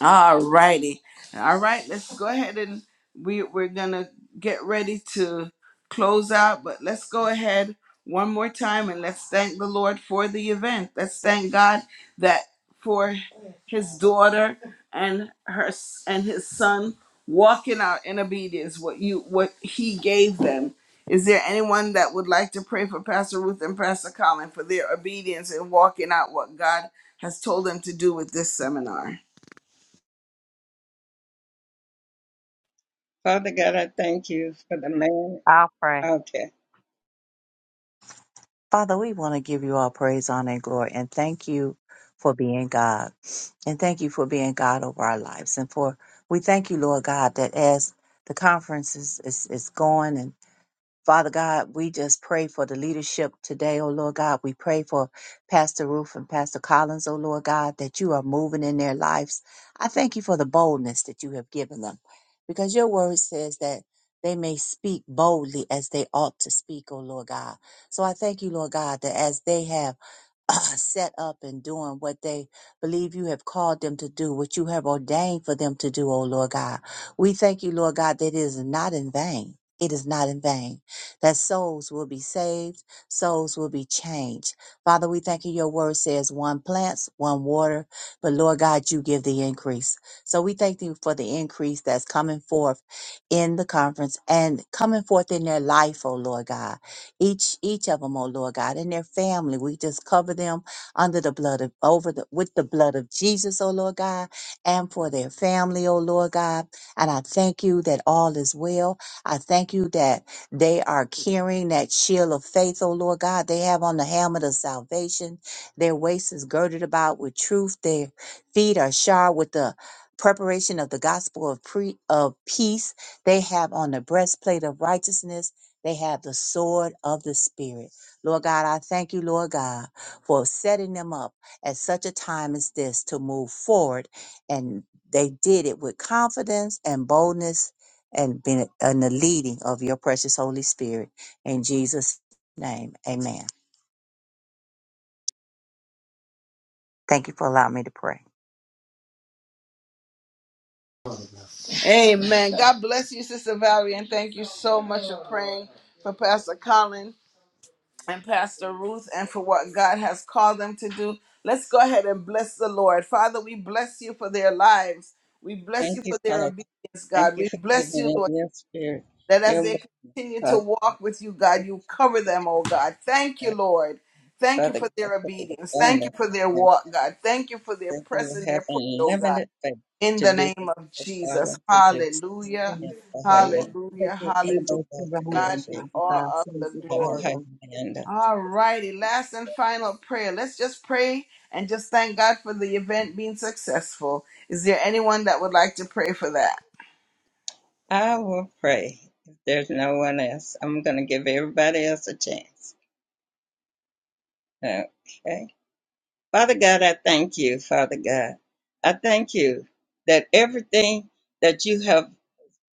Speaker 2: All righty. All right, let's go ahead and we we're gonna get ready to close out, but let's go ahead one more time and let's thank the Lord for the event. Let's thank God that for his daughter and her s- and his son walking out in obedience what you what he gave them. Is there anyone that would like to pray for Pastor Ruth and Pastor Colin for their obedience in walking out what God has told them to do with this seminar?
Speaker 1: Father God, I thank you for the man
Speaker 5: I'll pray.
Speaker 1: out there.
Speaker 5: Father, we want to give you all praise, honor, and glory, and thank you for being God. And thank you for being God over our lives. And for we thank you, Lord God, that as the conference is, is, is going Father God, we just pray for the leadership today, oh Lord God. We pray for Pastor Ruth and Pastor Collins, oh Lord God, that you are moving in their lives. I thank you for the boldness that you have given them because your word says that they may speak boldly as they ought to speak, oh Lord God. So I thank you, Lord God, that as they have set up and doing what they believe you have called them to do, what you have ordained for them to do, oh Lord God. We thank you, Lord God, that it is not in vain. It is not in vain that souls will be saved, souls will be changed. Father, we thank you. Your word says one plants, one water, but Lord God, you give the increase. So we thank you for the increase that's coming forth in the conference and coming forth in their life, oh Lord God each each of them, oh Lord God, and their family. We just cover them under the blood of over the with the blood of Jesus, oh Lord God, and for their family, oh Lord God. And I thank you that all is well. I thank you that they are carrying that shield of faith, oh Lord God. They have on the helmet of salvation. Their waist is girded about with truth. Their feet are shod with the preparation of the gospel of pre of peace. They have on the breastplate of righteousness they have the sword of the Spirit. Lord God, I thank you, Lord God, for setting them up at such a time as this to move forward. And they did it with confidence and boldness and been in the leading of your precious Holy Spirit. In Jesus' name, amen. Thank you for allowing me to pray.
Speaker 2: Amen. God bless you, Sister Valerie, and thank you so much for praying for Pastor Colin and Pastor Ruth and for what God has called them to do. Let's go ahead and bless the Lord. Father, we bless you for their lives. We bless
Speaker 1: Thank
Speaker 2: you
Speaker 1: you,
Speaker 2: for their
Speaker 1: Father.
Speaker 2: obedience,
Speaker 1: Thank
Speaker 2: God.
Speaker 1: you
Speaker 2: We
Speaker 1: for
Speaker 2: bless
Speaker 1: giving
Speaker 2: you,
Speaker 1: him
Speaker 2: Lord,
Speaker 1: your spirit,
Speaker 2: that as
Speaker 1: your
Speaker 2: they
Speaker 1: movements,
Speaker 2: continue to
Speaker 1: Father.
Speaker 2: walk
Speaker 1: God.
Speaker 2: with you, God,
Speaker 1: Thank
Speaker 2: you
Speaker 1: you for the
Speaker 2: cover them,
Speaker 1: protection,
Speaker 2: oh God. Thank you,
Speaker 1: God.
Speaker 2: Lord.
Speaker 1: Thank you,
Speaker 2: Thank you
Speaker 1: Father
Speaker 2: for
Speaker 1: God,
Speaker 2: their
Speaker 1: for the
Speaker 2: obedience. Thank you for their
Speaker 1: abundance.
Speaker 2: walk, God. Thank you for their
Speaker 1: that they
Speaker 2: press
Speaker 1: will
Speaker 2: and their
Speaker 1: have
Speaker 2: push, oh God
Speaker 1: unlimited faith
Speaker 2: in
Speaker 1: to
Speaker 2: the
Speaker 1: do what
Speaker 2: name of
Speaker 1: God called
Speaker 2: Jesus.
Speaker 1: them to do.
Speaker 2: Hallelujah.
Speaker 3: Father God. Let
Speaker 2: Hallelujah.
Speaker 3: your
Speaker 2: Hallelujah.
Speaker 3: angels
Speaker 2: To
Speaker 3: surround
Speaker 2: God
Speaker 3: them,
Speaker 2: be
Speaker 3: Father
Speaker 2: all
Speaker 3: God.
Speaker 2: of
Speaker 3: Thank you,
Speaker 2: the
Speaker 3: Father
Speaker 2: glory.
Speaker 3: God.
Speaker 2: All righty. Last and final prayer. Let's just pray and just thank God for the event being successful. Is there anyone that would like to pray for that?
Speaker 1: I will pray. If there's no one else, I'm going to give everybody else a chance. Okay. Father God, I thank you, Father God. I thank you that everything that you have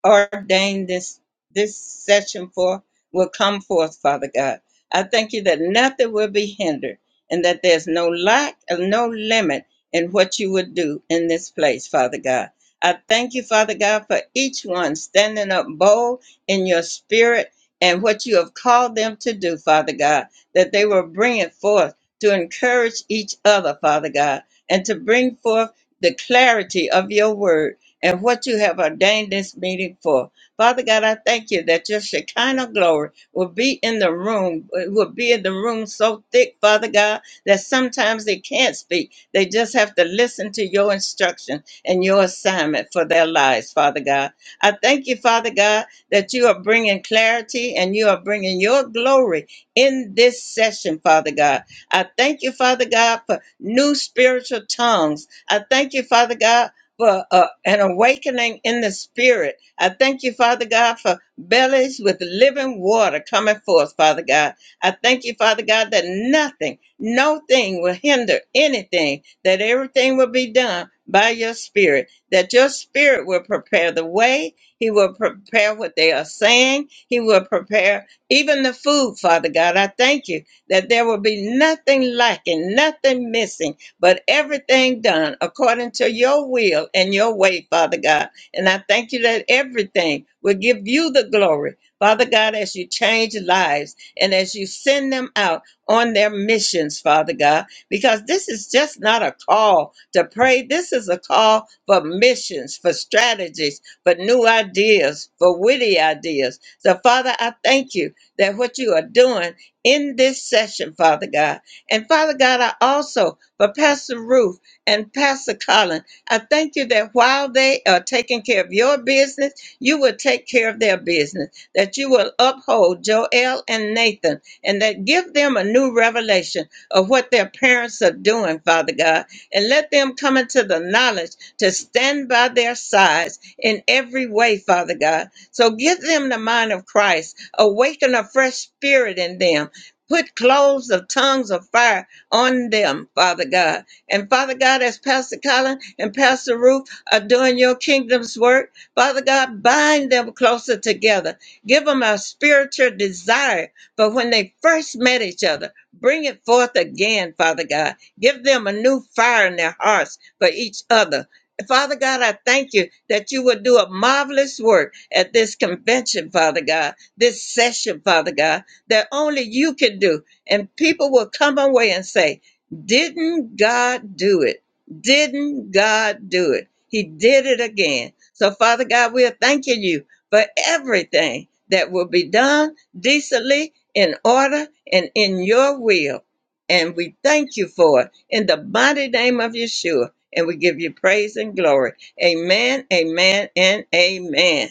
Speaker 1: ordained this this session for will come forth, Father God. I thank you that nothing will be hindered and that there's no lack and no limit in what you would do in this place, Father God. I thank you, Father God, for each one standing up bold in your spirit and what you have called them to do, Father God, that they will bring it forth to encourage each other, Father God, and to bring forth the clarity of your word and what you have ordained this meeting for. Father God, I thank you that your Shekinah glory will be in the room, will be in the room so thick, Father God, that sometimes they can't speak. They just have to listen to your instruction and your assignment for their lives, Father God. I thank you, Father God, that you are bringing clarity and you are bringing your glory in this session, Father God. I thank you, Father God, for new spiritual tongues. I thank you, Father God, for uh, an awakening in the spirit. I thank you, Father God, for bellies with living water coming forth, Father God. I thank you, Father God, that nothing, no thing will hinder anything, that everything will be done by your spirit, that your spirit will prepare the way. He will prepare what they are saying. He will prepare even the food, Father God. I thank you that there will be nothing lacking, nothing missing but everything done according to your will and your way, Father God. And I thank you that everything will give you the glory, Father God, as you change lives and as you send them out on their missions, Father God, because this is just not a call to pray. This is a call for missions, for strategies, for new ideas, for witty ideas. So, Father, I thank you that what you are doing in this session, Father God. And Father God, I also but Pastor Ruth and Pastor Colin, I thank you that while they are taking care of your business, you will take care of their business, that you will uphold Joel and Nathan, and that give them a new revelation of what their parents are doing, Father God, and let them come into the knowledge to stand by their sides in every way, Father God. So give them the mind of Christ, awaken a fresh spirit in them. Put clothes of tongues of fire on them, Father God. And Father God, as Pastor Colin and Pastor Ruth are doing your kingdom's work, Father God, bind them closer together. Give them a spiritual desire for when they first met each other. Bring it forth again, Father God. Give them a new fire in their hearts for each other. Father God, I thank you that you will do a marvelous work at this convention, Father God, this session, Father God, that only you can do and people will come away and say, Didn't God do it? Didn't God do it? He did it again. So, Father God, we are thanking you for everything that will be done decently, in order, and in your will. And we thank you for it in the mighty name of Yeshua. And we give you praise and glory. Amen, amen, and amen.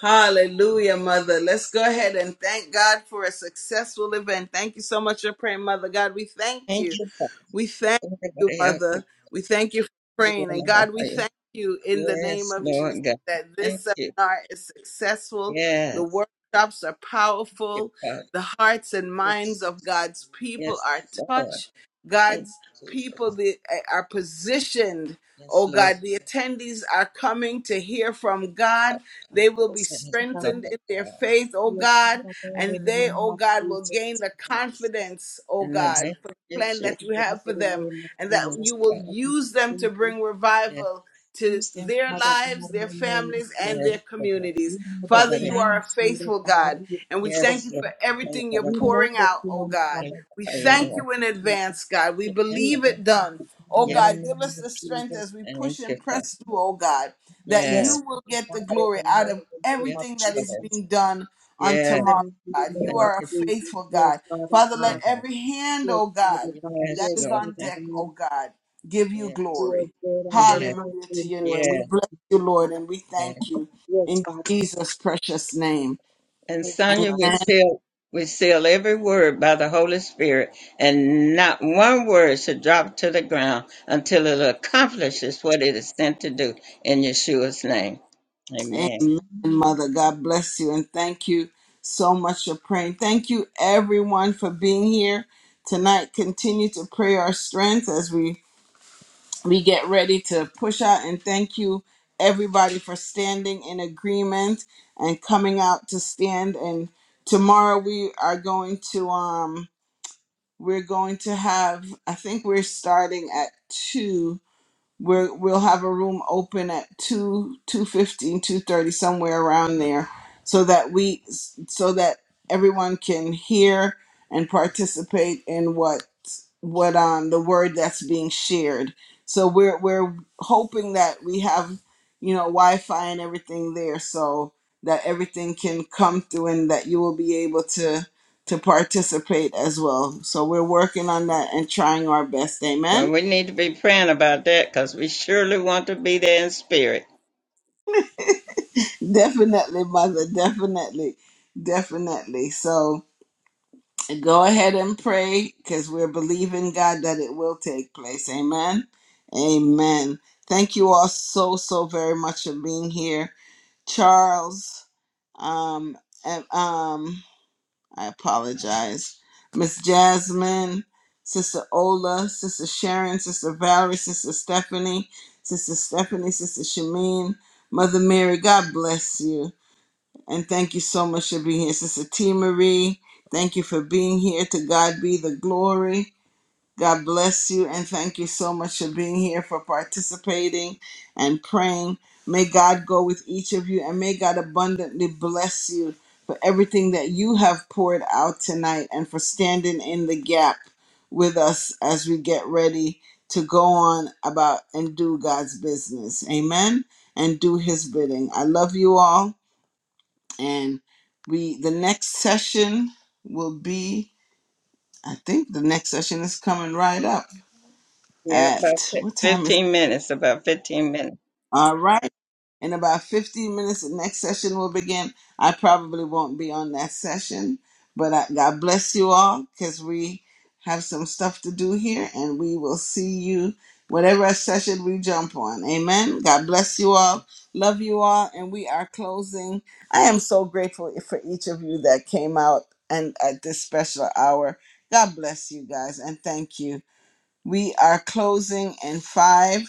Speaker 2: Hallelujah, Mother. Let's go ahead and thank God for a successful event. Thank you so much for praying, Mother God. We thank
Speaker 1: Thank
Speaker 2: you.
Speaker 1: you.
Speaker 2: We thank you, Mother. We thank you for praying. And God, we
Speaker 1: Father.
Speaker 2: thank you in the name
Speaker 1: Yes,
Speaker 2: of Jesus
Speaker 1: Lord God.
Speaker 2: that
Speaker 1: Thank
Speaker 2: this
Speaker 1: you.
Speaker 2: seminar is successful. The
Speaker 1: Yes.
Speaker 2: workshops are
Speaker 1: Thank
Speaker 2: powerful.
Speaker 1: you, Father.
Speaker 2: The hearts and
Speaker 1: Yes.
Speaker 2: minds of God's people
Speaker 1: Yes,
Speaker 2: are
Speaker 1: Lord.
Speaker 2: touched.
Speaker 1: Thank
Speaker 2: God's
Speaker 1: you, Jesus.
Speaker 2: people the- are positioned
Speaker 1: Yes,
Speaker 2: Oh
Speaker 1: Lord.
Speaker 2: God, the attendees are coming to hear from
Speaker 1: God.
Speaker 2: God. They will be
Speaker 3: Yes,
Speaker 1: Yes,
Speaker 3: Father
Speaker 1: Lord
Speaker 3: God.
Speaker 2: strengthened
Speaker 1: God.
Speaker 2: in their faith, oh
Speaker 3: Yes,
Speaker 2: God,
Speaker 3: Father God. In
Speaker 2: and
Speaker 3: the
Speaker 2: they,
Speaker 3: name
Speaker 2: oh
Speaker 3: of
Speaker 2: God, will
Speaker 3: Jesus.
Speaker 2: gain the
Speaker 1: Yes.
Speaker 2: confidence, oh
Speaker 1: In the
Speaker 3: Yes,
Speaker 2: God,
Speaker 1: name of
Speaker 2: for the plan
Speaker 1: Jesus.
Speaker 2: that you
Speaker 1: Yes,
Speaker 3: Father
Speaker 2: have for
Speaker 3: God. In the
Speaker 2: them,
Speaker 3: name of
Speaker 2: and that
Speaker 1: Lord
Speaker 3: Jesus.
Speaker 2: you will
Speaker 1: God.
Speaker 3: Father God.
Speaker 2: use them to
Speaker 3: Thank you.
Speaker 2: bring
Speaker 1: Yes,
Speaker 2: revival to
Speaker 3: Use them,
Speaker 2: their
Speaker 3: Father
Speaker 2: lives,
Speaker 3: God. In
Speaker 2: their
Speaker 3: the name of
Speaker 2: families, and
Speaker 1: yes,
Speaker 2: their
Speaker 3: Jesus.
Speaker 1: Lord.
Speaker 2: communities.
Speaker 3: You know the
Speaker 2: Father,
Speaker 1: Everybody.
Speaker 2: you are a
Speaker 3: plans, Father
Speaker 2: faithful
Speaker 3: God.
Speaker 2: God,
Speaker 3: We
Speaker 2: and we
Speaker 3: have for
Speaker 2: thank
Speaker 1: Yes,
Speaker 2: you
Speaker 1: Lord.
Speaker 2: for
Speaker 3: them.
Speaker 1: Thank
Speaker 2: everything
Speaker 1: you,
Speaker 2: you're
Speaker 3: You
Speaker 1: Lord.
Speaker 3: know
Speaker 2: pouring
Speaker 3: the
Speaker 2: out, oh
Speaker 3: plans,
Speaker 2: God.
Speaker 1: Thank
Speaker 3: Father
Speaker 2: We
Speaker 3: God. In the
Speaker 1: you,
Speaker 3: name
Speaker 2: thank
Speaker 1: Lord.
Speaker 2: you in
Speaker 3: of Jesus.
Speaker 2: advance, God. We
Speaker 1: Thank
Speaker 3: Use
Speaker 1: you,
Speaker 2: believe
Speaker 1: Lord.
Speaker 3: them,
Speaker 2: it done.
Speaker 3: Father God.
Speaker 2: Oh
Speaker 3: In the
Speaker 1: Yes,
Speaker 2: God, give
Speaker 1: Lord.
Speaker 3: name
Speaker 2: us
Speaker 3: of
Speaker 2: the strength
Speaker 3: Jesus.
Speaker 2: as we
Speaker 1: thank
Speaker 2: push
Speaker 1: you,
Speaker 2: and
Speaker 1: Father.
Speaker 2: press through, oh God, that
Speaker 1: Yes,
Speaker 2: you
Speaker 3: Yes,
Speaker 2: will get the
Speaker 3: Father God, in
Speaker 2: glory
Speaker 3: the
Speaker 2: out of
Speaker 3: mighty name
Speaker 1: yes,
Speaker 3: of
Speaker 2: everything that
Speaker 1: Lord.
Speaker 3: Jesus.
Speaker 2: is being done on
Speaker 1: Yes,
Speaker 3: In the
Speaker 2: tomorrow,
Speaker 3: mighty
Speaker 2: God. You
Speaker 3: name
Speaker 1: thank
Speaker 3: of
Speaker 2: are a
Speaker 1: you, Father.
Speaker 3: Jesus.
Speaker 2: faithful
Speaker 3: Yes,
Speaker 2: God.
Speaker 3: Father
Speaker 2: Father, let
Speaker 3: God.
Speaker 1: Yes.
Speaker 2: every hand,
Speaker 3: Yes,
Speaker 2: oh
Speaker 3: Father
Speaker 2: God,
Speaker 3: God.
Speaker 2: that
Speaker 1: Yes,
Speaker 3: Yes,
Speaker 2: is
Speaker 1: Lord.
Speaker 3: Father
Speaker 2: on
Speaker 1: Thank
Speaker 2: deck,
Speaker 1: you.
Speaker 2: oh
Speaker 3: God.
Speaker 2: God, give you
Speaker 1: Yes.
Speaker 3: You are
Speaker 2: glory.
Speaker 3: good and your
Speaker 1: Yeah.
Speaker 3: mercy
Speaker 2: Hallelujah to your
Speaker 3: endures.
Speaker 2: name. We
Speaker 1: Yeah.
Speaker 2: bless you, Lord,
Speaker 3: Father.
Speaker 2: and we
Speaker 1: Yeah.
Speaker 2: thank you
Speaker 3: Yes,
Speaker 2: in
Speaker 3: Father.
Speaker 2: Jesus' precious name.
Speaker 1: And
Speaker 3: Thank you,
Speaker 1: Sonia would
Speaker 2: Amen
Speaker 1: seal would seal every word by the Holy Spirit, and not one word should drop to the ground until it accomplishes what it is sent to do in Yeshua's name. Amen.
Speaker 2: Amen,
Speaker 3: Father.
Speaker 2: Mother. God bless you and thank you so much for praying. Thank you, everyone, for being here tonight. Continue to pray our strength as we we get ready to push out. And thank you, everybody, for standing in agreement and coming out to stand. And tomorrow we are going to um we're going to have I think we're starting at two we're, we'll have a room open at 2 two fifteen two thirty somewhere around there so that we so that everyone can hear and participate in what what um the word that's being shared so we're we're hoping that we have you know wi-fi and everything there so that everything can come through and that you will be able to to participate as well so we're working on that and trying our best amen
Speaker 1: Well, we need to be praying about that because we surely want to be there in spirit.
Speaker 2: Definitely, mother. Definitely. Definitely. So go ahead and pray because we're believing God that it will take place. Amen. Amen. Thank you all so, so very much for being here. Charles, um, and, um, I apologize. Miss Jasmine, Sister Ola, Sister Sharon, Sister Valerie, Sister Stephanie, Sister Stephanie, Sister Shameen, Mother Mary, God bless you. And thank you so much for being here, Sister T. Marie. Thank you for being here. To God be the glory. God bless you. And thank you so much for being here, for participating and praying. May God go with each of you and may God abundantly bless you for everything that you have poured out tonight and for standing in the gap with us as we get ready to go on about and do God's business. Amen. And do his bidding. I love you all and we the next session will be i think the next session is coming right up
Speaker 1: Yeah, about
Speaker 2: at what
Speaker 1: fif-
Speaker 2: time is?
Speaker 1: 15 minutes, about 15 minutes.
Speaker 2: All right. In about 15 minutes, the next session will begin. I probably won't be on that session, but I, God bless you all because we have some stuff to do here and we will see you whatever session we jump on. Amen. God bless you all. Love you all. And we are closing. I am so grateful for each of you that came out and at this special hour. God bless you guys and thank you. We are closing in five,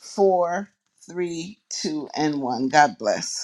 Speaker 2: four, three, two, and one. God bless.